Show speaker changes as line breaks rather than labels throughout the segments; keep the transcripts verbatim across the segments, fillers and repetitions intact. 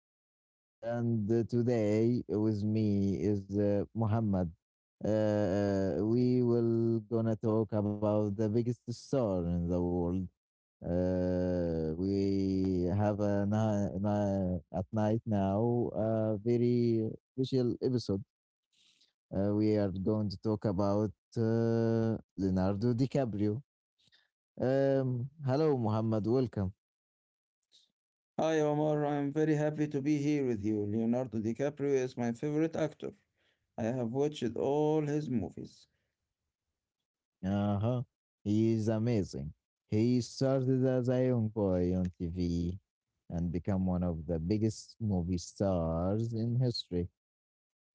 Omar, and uh, today with me is uh, Muhammad. Uh, uh, we will gonna talk about the biggest star in the world. Uh, we have a na- na- at night now a very special episode. Uh, we are going to talk about uh, Leonardo DiCaprio. Um, hello, Muhammad. Welcome.
Hi Omar, I am very happy to be here with you. Leonardo DiCaprio is my favorite actor. I have watched all his movies.
Uh-huh. He is amazing. He started as a young boy on T V and become one of the biggest movie stars in history.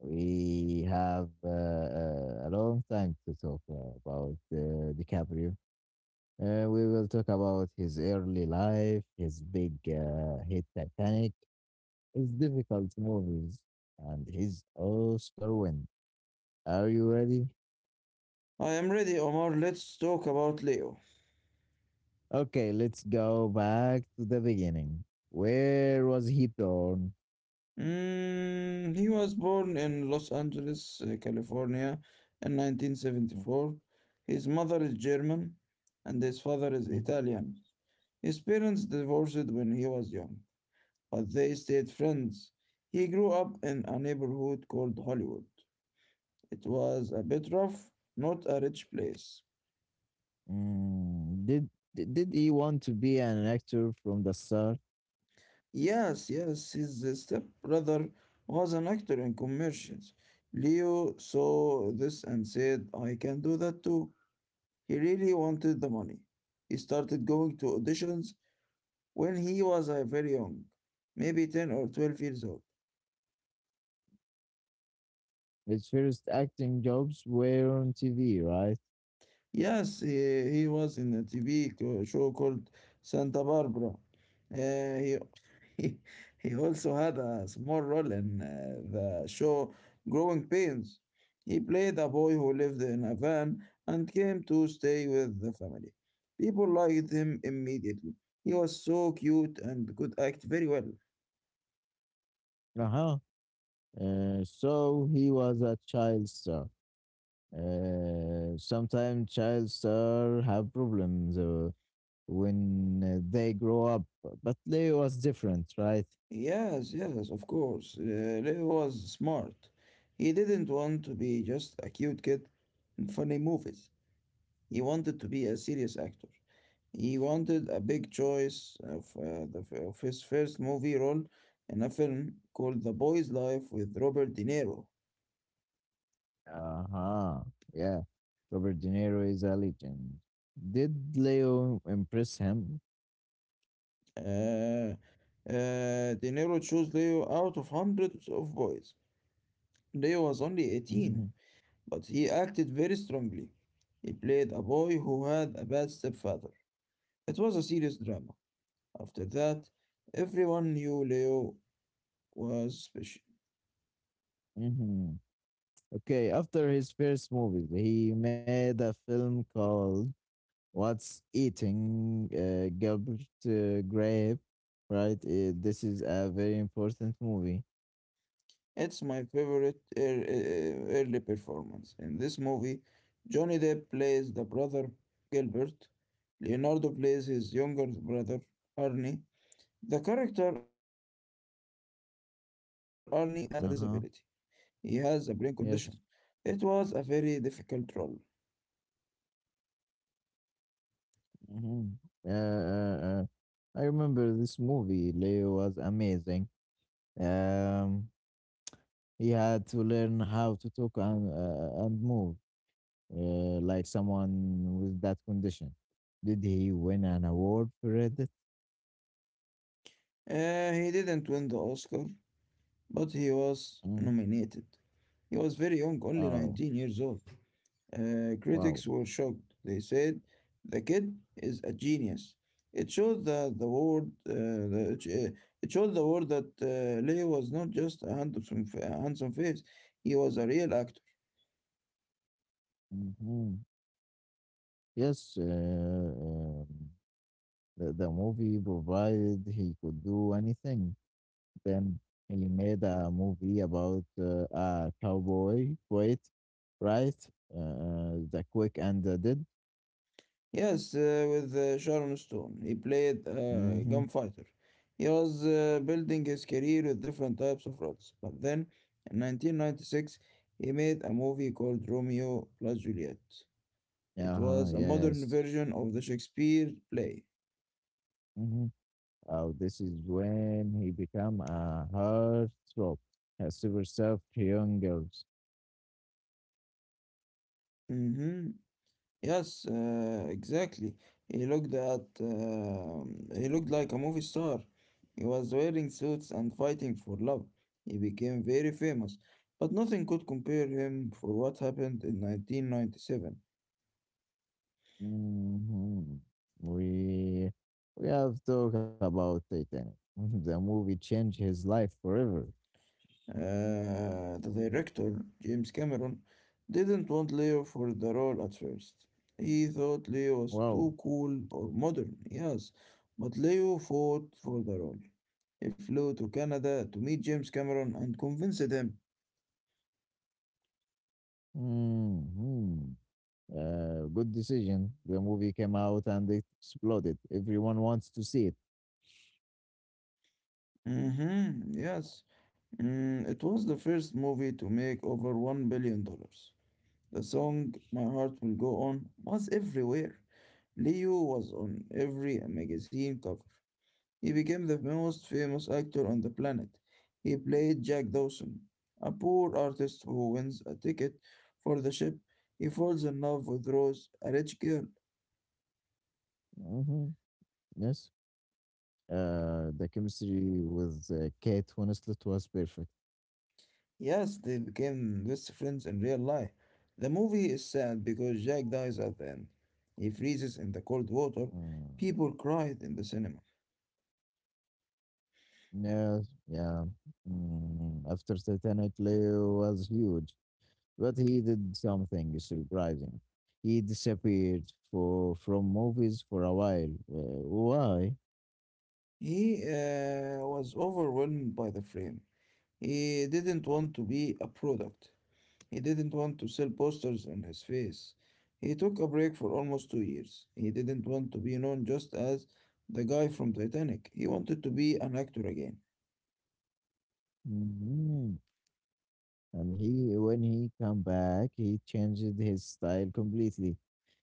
We have uh, uh, a long time to talk about uh, DiCaprio. Uh, we will talk about his early life, his big uh, hit Titanic, his difficult movies, and his Oscar win. Are you ready?
I am ready, Omar. Let's talk about Leo.
Okay, let's go back to the beginning. Where was he born?
Mm, he was born in Los Angeles, uh, California in nineteen seventy-four. His mother is German and his father is
Mm,
Italian. His parents divorced when he was young, but they stayed friends. He grew up in a neighborhood called Hollywood. It was a bit rough, not a rich place.
mm, Did did did he want to be an actor from the start?
Yes, yes, his stepbrother was an actor in commercials. Leo saw this and said, I can do that too. He really wanted the money. He started going to auditions when he was uh, very young, maybe ten or twelve years old.
His first acting jobs were on T V, right?
Yes, he, he was in a T V co- show called Santa Barbara. Uh, he, he he also had a small role in uh, the show Growing Pains. He played a boy who lived in a van and came to stay with the family. People liked him immediately. He was so cute and could act very well.
Uh-huh. Uh, so he was a child star. Uh, sometimes child star have problems uh, when uh, they grow up, but Leo was different, right?
Yes, yes, of course. Uh, Leo was smart. He didn't want to be just a cute kid in funny movies. He wanted to be a serious actor. He wanted a big choice of, uh, the, f- of his first movie role in a film called The Boy's Life with Robert De Niro.
Uh-huh. Yeah. Robert De Niro is a legend. Did Leo impress him?
Uh, uh, De Niro chose Leo out of hundreds of boys. Leo was only eighteen,
Hmm.
but he acted very strongly. He played a boy who had a bad stepfather. It was a serious drama. After that, everyone knew Leo was special.
Hmm. Okay, after his first movie, he made a film called What's Eating uh, Gilbert uh, Grape, right? Uh, this is a very important movie.
It's my favorite ear- eh, early performance. In this movie, Johnny Depp plays the brother Gilbert, Leonardo plays his younger brother Arnie. The character Arnie has a disability, he has a brain
Uh-huh.
condition. It was a
Yes.
very difficult role.
Hmm. Uh, uh, uh. I remember this movie. Leo was amazing. Um, He had to learn how to talk and, uh, and move uh, like someone with that condition. Did he win an award for it?
Uh, he didn't win the Oscar, but he was
Mm.
nominated. He was very young, only
Oh,
nineteen years old. Uh,
wow.
critics were shocked. They said, "The kid is a genius." It showed the the world. Uh, the, it showed the world that uh, Leo was not just a handsome f- a handsome face; he was a real actor.
Mhm. Yes, uh, um, the, the movie provided he could do anything. Then he made a movie about uh, a cowboy, wait, right? Uh, the Quick and the Dead.
Yes, uh, with uh, Sharon Stone, he played uh, a
Mm-hmm.
gunfighter. He was uh, building his career with different types of roles. But then, in nineteen ninety-six, he made a movie called Romeo plus Juliet. It
Uh-huh,
was a modern
yes.
version of the Shakespeare play.
Mhm. Uh, this is when he become a heartthrob, a super soft young girls.
Mm-hmm. Yes, uh, exactly. He looked at uh, he looked like a movie star. He was wearing suits and fighting for love. He became very famous, but nothing could compare him for what happened in nineteen ninety-seven.
Mhm. We we have talked about Titanic. The movie changed his life forever.
Uh, the director, James Cameron, didn't want Leo for the role at first. He thought Leo was too
Wow.
cool or modern, yes, but Leo fought for the role. Flew to Canada to meet James Cameron and convinced him.
Mhm. Uh, good decision. The movie came out and it exploded. Everyone wants to see it.
Mm-hmm, yes. Mm, it was the first movie to make over one billion. dollars. The song My Heart Will Go On was everywhere. Leo was on every magazine cover. He became the most famous actor on the planet. He played Jack Dawson, a poor artist who wins a ticket for the ship. He falls in love with Rose, a rich girl.
Mhm. Yes. Uh, the chemistry with uh, Kate Winslet was perfect.
Yes, they became best friends in real life. The movie is sad because Jack dies at the end. He freezes in the cold water.
Mm.
People cried in the cinema.
Yes, yeah. Mm, after Titanic, Leo was huge, but he did something surprising. He disappeared for from movies for a while. Uh, why?
He uh, was overwhelmed by the frame. He didn't want to be a product. He didn't want to sell posters on his face. He took a break for almost two years. He didn't want to be known just as the guy from Titanic. He wanted to be an actor again.
Mhm. And he, when he come back, he changed his style completely.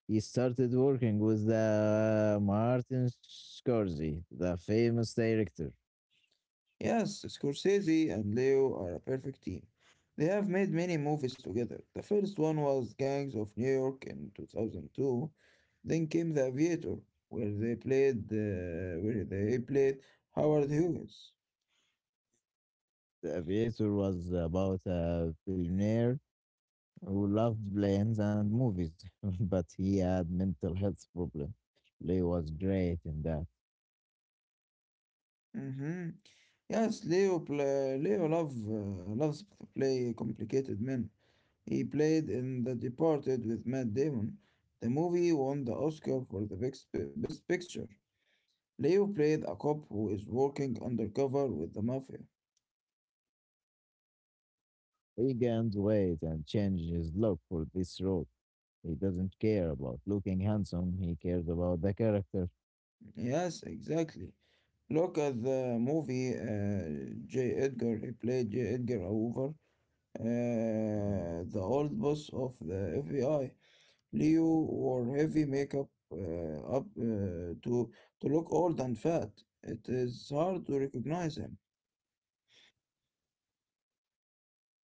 He started working with the Martin Scorsese, the famous director.
Yes, Scorsese and Leo are a perfect team. They have made many movies together. The first one was Gangs of New York in two thousand two. Then came The Aviator, where they played uh, where they played Howard Hughes.
The Aviator was about a billionaire who loved planes and movies, but he had mental health problem. Lee was great in that.
Hmm. Yes, Leo pla Leo love uh, loves to play complicated men. He played in The Departed with Matt Damon. The movie won the Oscar for the best, best picture. Leo played a cop who is working undercover with the mafia.
He gained weight and changed his look for this role. He doesn't care about looking handsome. He cares about the character.
Yes, exactly. Look at the movie uh, J. Edgar. He played J. Edgar Hoover, uh,
Mm.
the old boss of the F B I. Leo wore heavy makeup uh, up uh, to to look old and fat. It is hard to recognize him.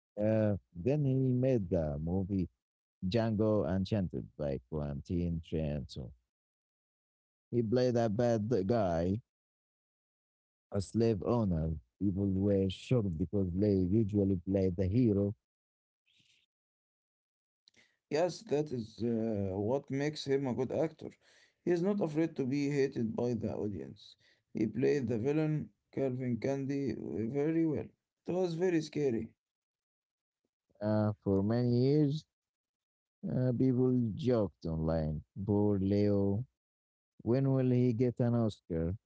Uh, then he made the movie Django Unchained by Quentin Tarantino. He played a bad guy, a slave owner. People were shocked because Lee usually played the hero.
Yes, that is uh, what makes him a good actor. He is not afraid to be hated by the audience. He played the villain, Calvin Candy, very well. It was very scary.
Uh, for many years, Uh, people joked online. Poor Leo. When will he get an Oscar?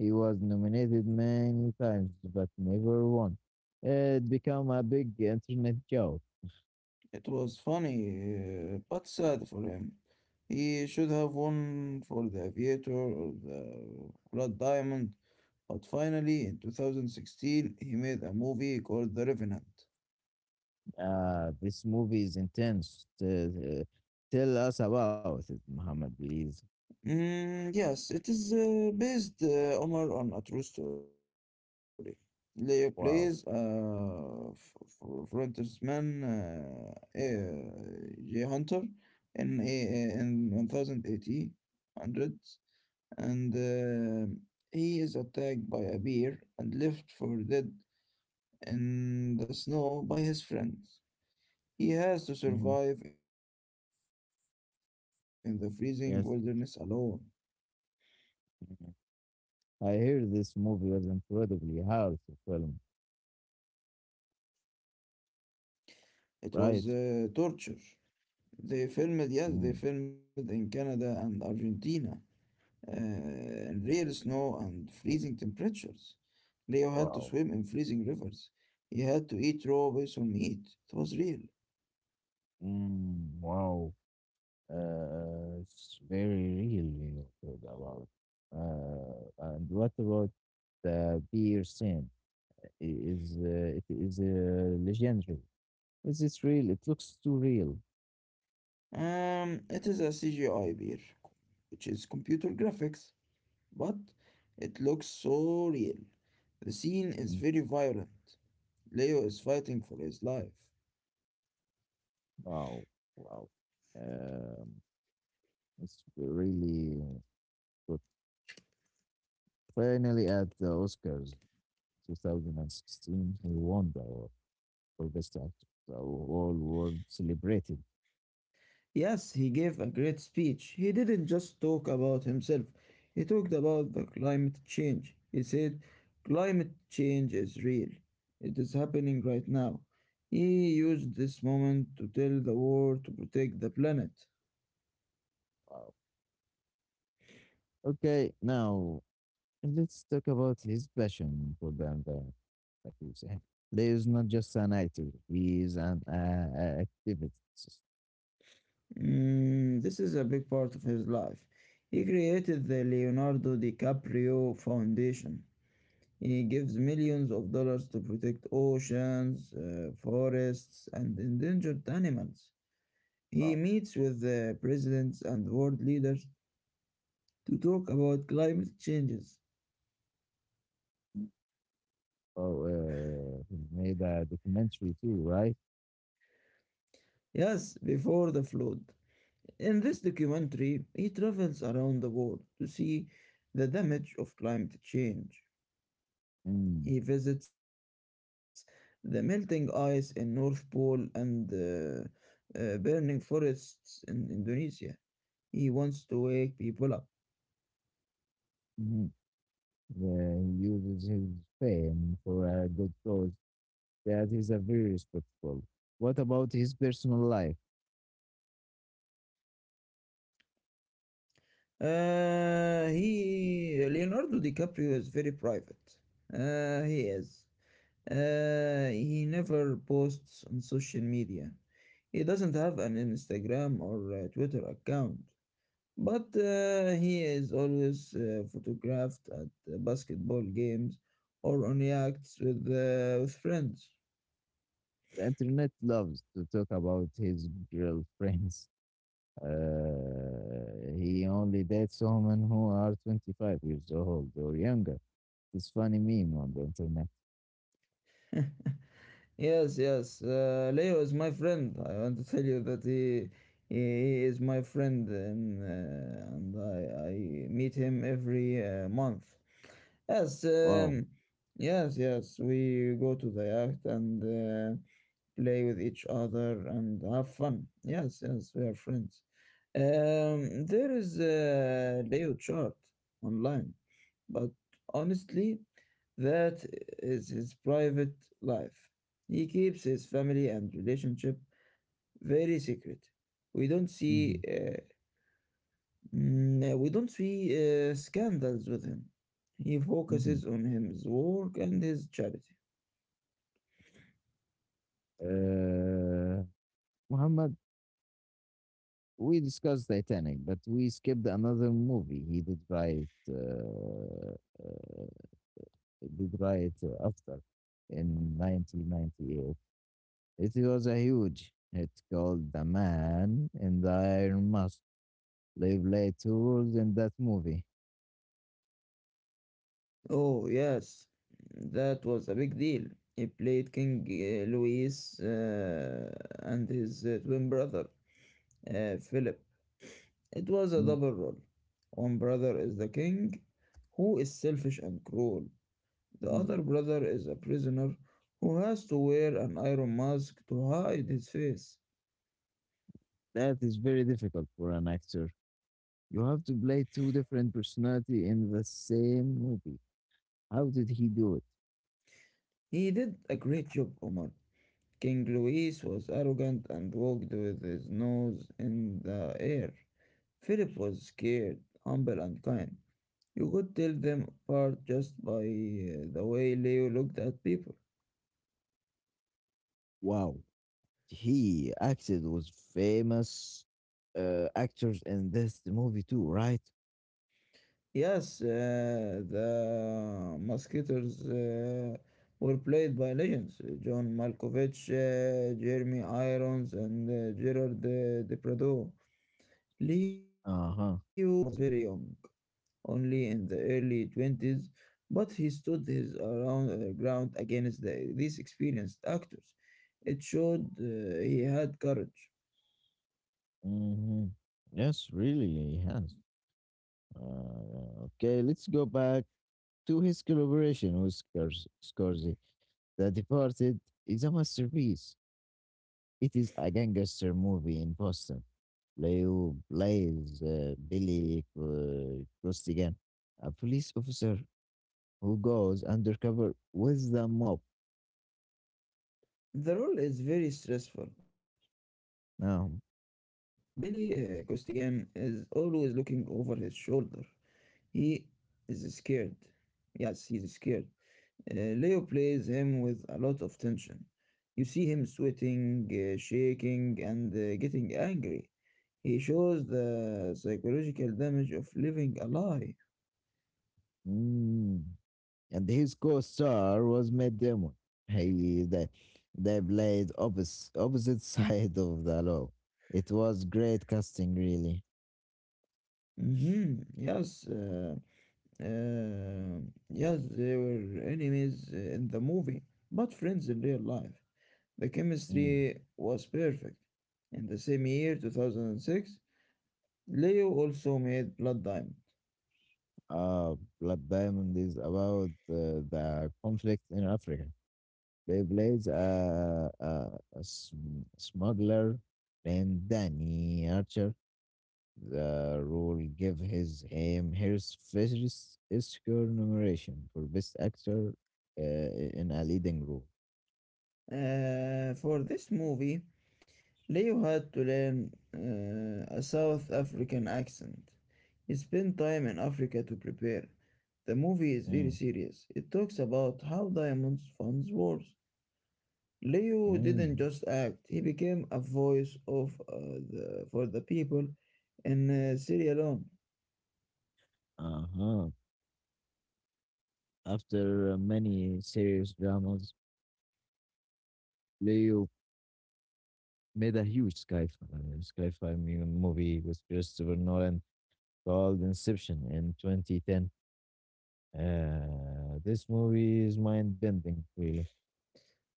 He was nominated many times but never won. It became a big internet joke.
It was funny, uh, but sad for him. He should have won for The Aviator or The Blood Diamond, but finally, in two thousand sixteen, he made a movie called The Revenant.
Uh, this movie is intense. T- uh, tell us about it, Muhammad, please.
Mm, yes, it is uh, based, uh, Omar, on a true story. Leo plays
Wow.
uh, f- f- frontman uh, uh, Jay Hunter in a, uh, in one thousand eighty hundreds, and uh, he is attacked by a bear and left for dead in the snow by his friends. He has to
Mhm.
survive in the freezing wilderness alone.
Yes. Mhm. I hear this movie was incredibly hard to film,
It was uh, torture.
right?
They filmed yes, they filmed in
Mm.
Canada and Argentina, uh, in real snow and freezing temperatures. Leo had to swim in
Wow.
freezing rivers. He had to eat raw basil meat. It was real.
Mm. Wow. Uh, it's very real, you know, talk about. Uh, and what about the beer scene? I- Is uh, it is uh, legendary? Is it real? It looks too real.
Um, it is a C G I beer, which is computer graphics, but it looks so real. The scene is
Mm.
very violent. Leo is fighting for his life.
Wow, wow. Um, it's really good. Finally, at the Oscars two thousand sixteen, he won the award for best actor. The whole world celebrated.
Yes, he gave a great speech. He didn't just talk about himself. He talked about the climate change. He said, climate change is real. It is happening right now. He used this moment to tell the world to protect the planet.
Wow. Okay, now. And let's talk about his passion for vampire, like you say. Leo is not just an actor; he is an uh, uh, activist.
Mm, this is a big part of his life. He created the Leonardo DiCaprio Foundation. He gives millions of dollars to protect oceans, uh, forests, and endangered animals.
Oh,
He meets with the presidents and world leaders to talk about climate changes.
oh, uh, he made a documentary too, right?
Yes, before the flood. In this documentary, he travels around the world to see the damage of climate change. He
Mm.
visits the melting ice in North Pole and uh, uh, burning forests in Indonesia. He wants to wake people up.
Hmm. Yeah, he uses his fame for a good cause. That is a very respectful. What about his personal life?
Uh, he Leonardo DiCaprio is very private. Uh, he is. Uh, he never posts on social media. He doesn't have an Instagram or uh, Twitter account, but uh, he is always uh, photographed at uh, basketball games or on yachts with, uh, with friends.
The internet loves to talk about his girlfriends. Uh, he only dates women who are twenty-five years old or younger. This funny meme on the internet.
Yes, yes. Uh, Leo is my friend. I want to tell you that he he he is my friend, and uh, and I I meet him every uh, month. Yes,
Wow.
um, yes, yes. We go to the yacht and uh, play with each other and have fun. Yes, yes, we are friends. Um, there is a Leo chart online, but honestly, that is his private life. He keeps his family and relationship very secret. We don't see
Mhm,
uh, Mm, no, we don't see uh, scandals with him. He
mhm.
focuses on his work and his charity.
Uh, Muhammad, we discussed Titanic, but we skipped another movie. He did write, uh, uh, did write uh, after in nineteen ninety-eight. It was a huge hit called The Man in the Iron Mask. They played two roles in that movie.
Oh, yes, that was a big deal. He played King uh, Louis uh, and his uh, twin brother, uh, Philip. It was a
Mm-hmm.
double role. One brother is the king, who is selfish and cruel. The other brother is a prisoner who has to wear an iron mask to hide his face.
That is very difficult for an actor. You have to play two different personality in the same movie. How did he do it?
He did a great job, Omar. King Louis was arrogant and walked with his nose in the air. Philip was scared, humble, and kind. You could tell them apart just by uh, the way Leo looked at people.
Wow, he acted with famous uh, actors in this movie too, right?
Yes, uh, the Musketeers uh, were played by legends uh, John Malkovich, uh, Jeremy Irons, and uh, Gerard uh, Depardieu. Leo was
Uh-huh.
very young, only in the early twenties, but he stood his around, uh, ground against the, these experienced actors. It showed uh, he had courage.
Mm-hmm. Yes, really, he has. Uh, okay, let's go back to his collaboration with Scors- Scorsese. The Departed is a masterpiece. It is a gangster movie in Boston. Leo plays uh, Billy uh, Costigan, a police officer who goes undercover with the mob.
The role is very stressful. Billy uh,
Now,
Costigan is always looking over his shoulder. He is scared. Yes, he is scared. Uh, Leo plays him with a lot of tension. You see him sweating, uh, shaking, and uh, getting angry. He shows the psychological damage of living a lie.
mm, and his co-star was Matt Damon. He they, they played opposite opposite side of the law. It was great casting, really.
Hmm. Yes, uh, uh, yes, they were enemies uh, in the movie, but friends in real life. The
Mm.
chemistry was perfect. In the same year, two thousand six, Leo also made Blood Diamond.
Uh, Blood Diamond is about uh, the conflict in Africa. They plays a, a, a sm- smuggler named Danny Archer. The role gave his him his first Oscar nomination for Best Actor uh, in a leading role.
Uh, for this movie, Leo had to learn uh, a South African accent. He spent time in Africa to prepare. The movie is very
Mm,
serious. It talks about how diamonds funds wars. Leo didn't
mm,
just act, he became a voice of uh, the, for the people in uh, Sierra Leone.
uh-huh. After many serious dramas, Leo made a huge sci-fi, sci-fi mu- movie with Christopher Nolan called Inception in twenty ten. Uh, this movie is mind bending, really.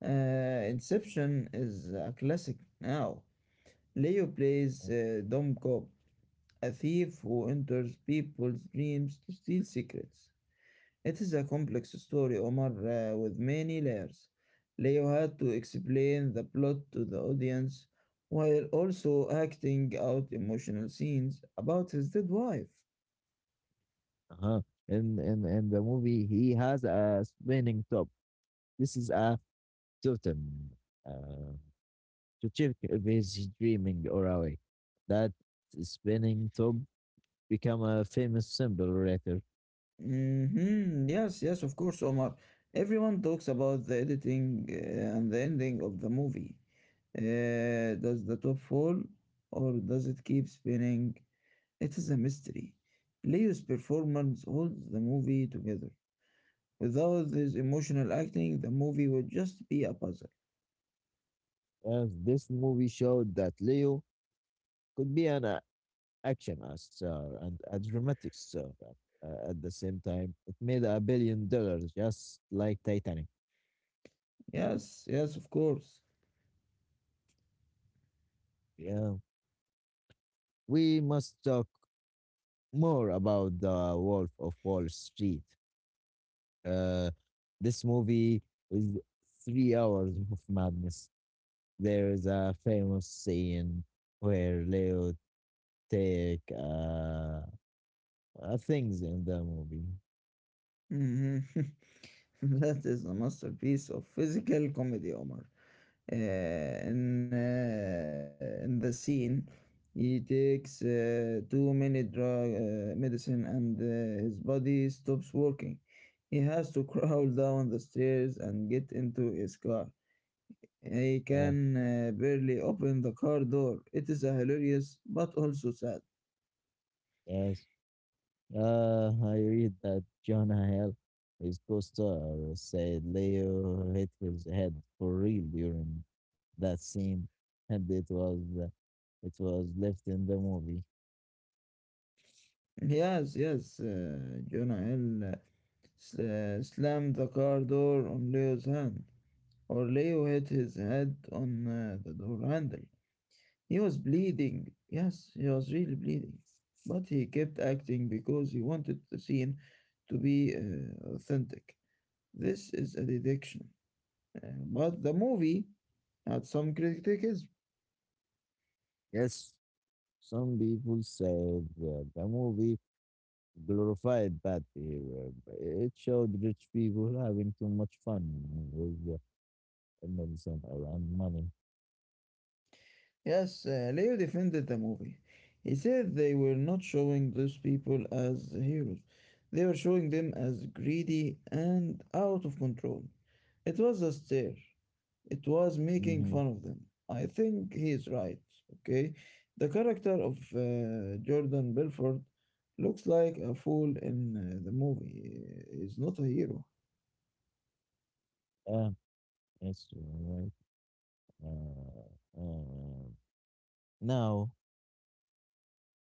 Uh, Inception is a classic now. Leo plays uh, Dom Cobb, a thief who enters people's dreams to steal secrets. It is a complex story, Omar, uh, with many layers. Leo had to explain the plot to the audience while also acting out emotional scenes about his dead wife.
Uh-huh. In, in, in the movie, he has a spinning top. This is a totem uh, to check if he's dreaming or awake. That spinning top become a famous symbol later.
hmm Yes, yes, of course, Omar. Everyone talks about the editing uh, and the ending of the movie. Uh, does the top fall or does it keep spinning? It is a mystery. Leo's performance holds the movie together. Without his emotional acting, the movie would just be a puzzle.
As this movie showed that Leo could be an a- action star and a dramatic star at, uh, at the same time. It made a billion dollars, just like Titanic.
Yes, yes, of course.
Yeah. We must talk more about The Wolf of Wall Street. Uh, this movie is three hours of madness. There is a famous scene where Leo take uh, uh things in the movie.
Mhm. that is a masterpiece of physical comedy, Omar. Uh, in, uh, in the scene, he takes uh, too many drug uh, medicine and uh, his body stops working. He has to crawl down the stairs and get into his car. He
Uh,
can uh, barely open the car door. It is a hilarious but also sad.
yes. Uh, I read that Jonah Hill, his co-star, said Leo hit his head for real during that scene, and it was uh, it was left in the movie.
Yes, yes, uh, Jonah Hill uh, s- uh, slammed the car door on Leo's hand, or Leo hit his head on uh, the door handle. He was bleeding. Yes, he was really bleeding. But he kept acting because he wanted the scene to be uh, authentic. This is a deduction. Uh, but the movie had some criticism.
Yes, some people say that the movie glorified bad behavior, but it showed rich people having too much fun with the medicine around money.
Yes, uh, Leo defended the movie. He said they were not showing those people as heroes. They were showing them as greedy and out of control. It was a stare. It was making
Mm-hmm.
fun of them. I think he is right, okay? The character of uh, Jordan Belfort looks like a fool in uh, the movie. He's not a hero.
Yeah, that's right. Uh, uh, now,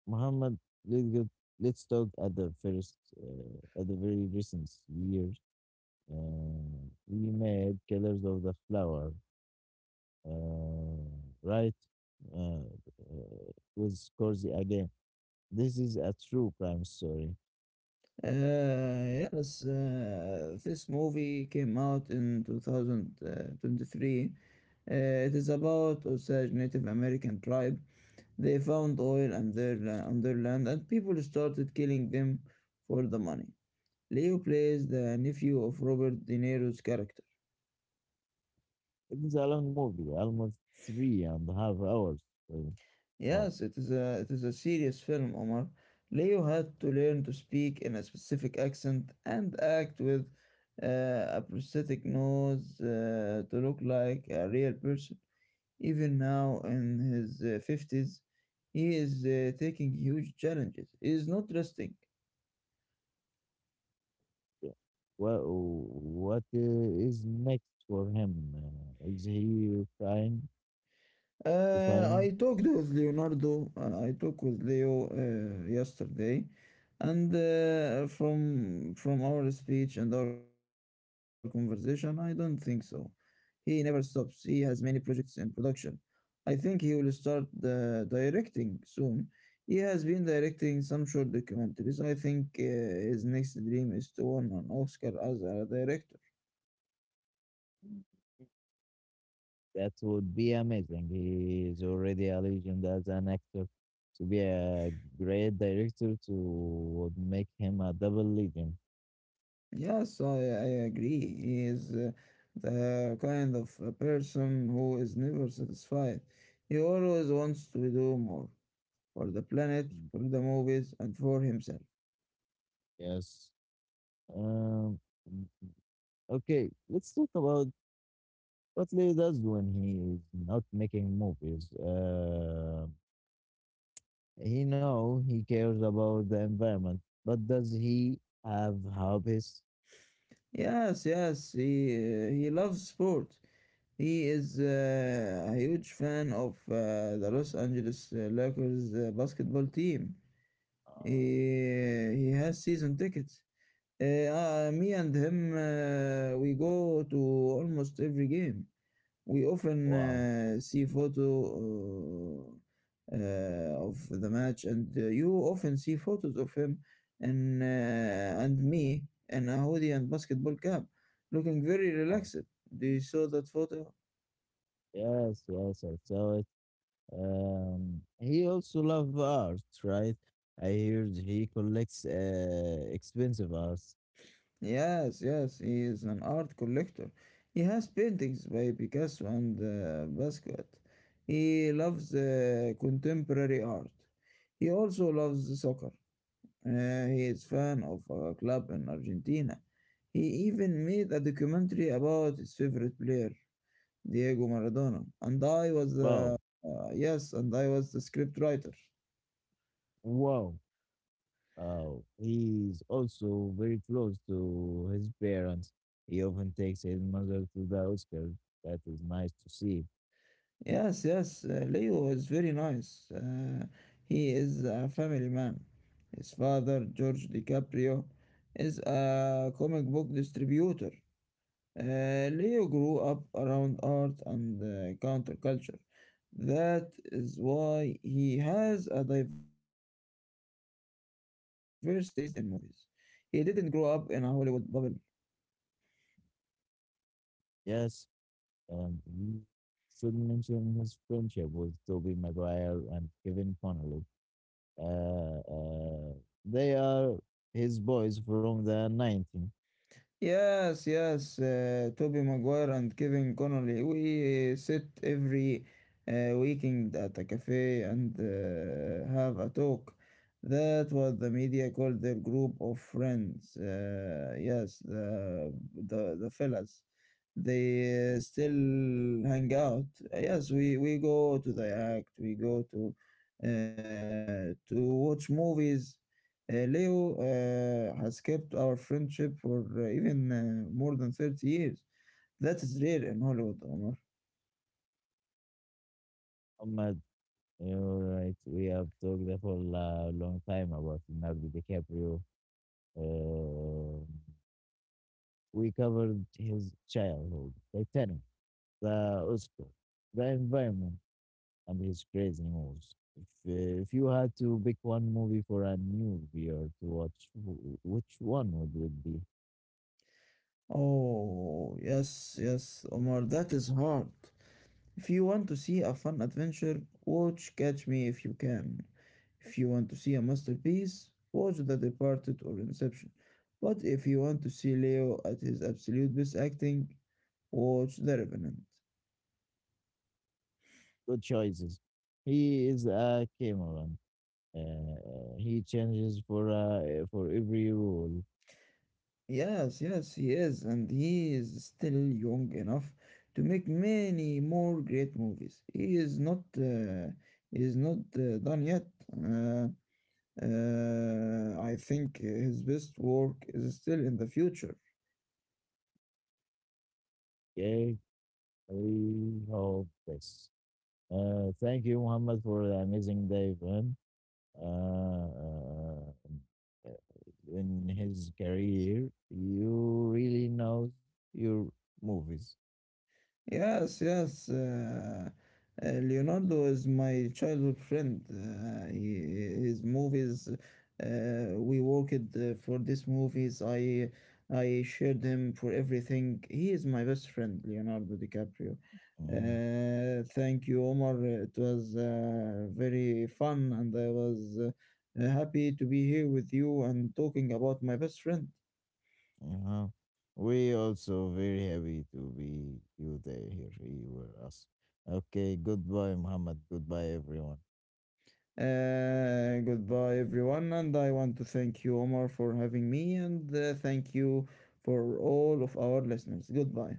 Muhammad, let's, go, let's talk at the first, uh, at the very recent years. Uh, we made Killers of the Flower, uh, right? Uh, uh, with Scorsese again. This is a true crime story.
Uh, yes, uh, this movie came out in twenty twenty-three. Uh, it is about Osage Native American tribe. They found oil on their, la- on their land and people started killing them for the money. Leo plays the nephew of Robert De Niro's character.
It is a long movie, almost three and a half hours. Uh, oh,
Yes, it is a it is a serious film, Omar. Leo had to learn to speak in a specific accent and act with uh, a prosthetic nose uh, to look like a real person. Even now in his uh, fifties, he is uh, taking huge challenges. He is not resting.
yeah. Well, what uh, is next for him? Uh, is he trying
Uh,
retiring?
I talked with Leonardo. Uh, I talked with Leo uh, yesterday, and uh, from from our speech and our conversation, I don't think so. He never stops. He has many projects in production. I think he will start uh, directing soon. He has been directing some short documentaries. I think uh, his next dream is to win an Oscar as a director.
That would be amazing. He is already a legend as an actor. To be a great director, to would make him a double legend.
Yes, I, I agree. He is uh, the kind of a person who is never satisfied. He always wants to do more for the planet,
Mm.
for the movies, and for himself.
Yes. Um. Okay, let's talk about what Lee does when he is not making movies. Uh, he know he cares about the environment, but does he have hobbies?
Yes, yes, he, uh, he loves sport. He is uh, a huge fan of uh, the Los Angeles uh, Lakers uh, basketball team.
Uh,
He, he has season tickets. Uh, uh, me and him, uh, we go to almost every game. We often
wow,
uh, see photo uh, uh, of the match, and uh, you often see photos of him and uh, and me in a hoodie and basketball cap, looking very
wow.
relaxed. Do you saw that photo?
Yes, yes, I saw it. Um, he also love art, right? I heard he collects uh, expensive art.
Yes, yes, he is an art collector. He has paintings by Picasso and uh, Basquiat. He loves uh, contemporary art. He also loves soccer. Uh, he is fan of a club in Argentina. He even made a documentary about his favorite player, Diego Maradona. And I was
Wow,
the uh, yes, and I was the script writer.
wow. Uh, he's also very close to his parents. He often takes his mother to the Oscars. That is nice to see.
Yes, yes, uh, Leo is very nice. Uh, he is a family man. His father, George DiCaprio, is a comic book distributor. Uh, Leo grew up around art and uh, counterculture. That is why he has a diverse taste in movies. He didn't grow up in a Hollywood bubble.
Yes, and we should mention his friendship with Toby Maguire and Kevin Connolly. Uh, uh, they are his boys from the nineteen.
Yes, yes, uh, Toby Maguire and Kevin Connolly. We sit every uh, weekend at a cafe and uh, have a talk. That what the media called their group of friends. Uh, yes, the the the fellas. They uh, still hang out. Yes, we we go to the act. We go to uh, to watch movies. Uh, Leo uh, has kept our friendship for uh, even uh, more than thirty years. That is rare in Hollywood, Omar.
Ahmad, you're right. We have talked for a long time about Leonardo DiCaprio. Uh, we covered his childhood, Titanic, the Oscar, the environment, and his crazy moves. If, uh, if you had to pick one movie for a new viewer to watch, wh- which one would it be?
Oh, yes, yes, Omar, that is hard. If you want to see a fun adventure, watch Catch Me If You Can. If you want to see a masterpiece, watch The Departed or Inception. But if you want to see Leo at his absolute best acting, watch The Revenant.
Good choices. He is a Cameron. Uh, he changes for uh, for every rule.
Yes, yes, he is, and he is still young enough to make many more great movies. He is not, uh, he is not uh, done yet. Uh, uh, I think his best work is still in the future.
Okay, we hope this. Uh, thank you, Muhammad, for the amazing day, man. uh, uh, in his career, you really know your movies.
Yes, yes. Uh, uh, Leonardo is my childhood friend. Uh, he, his movies, uh, we worked uh, for these movies. I I shared him for everything. He is my best friend, Leonardo DiCaprio.
Mhm,
Uh, thank you, Omar. It was uh, very fun, and I was uh, happy to be here with you and talking about my best friend.
uh-huh. We also very happy to be you there here. You were us. Okay, goodbye, Muhammad. Goodbye, everyone.
Uh, goodbye, everyone, and I want to thank you, Omar, for having me, and uh, thank you for all of our listeners. Goodbye.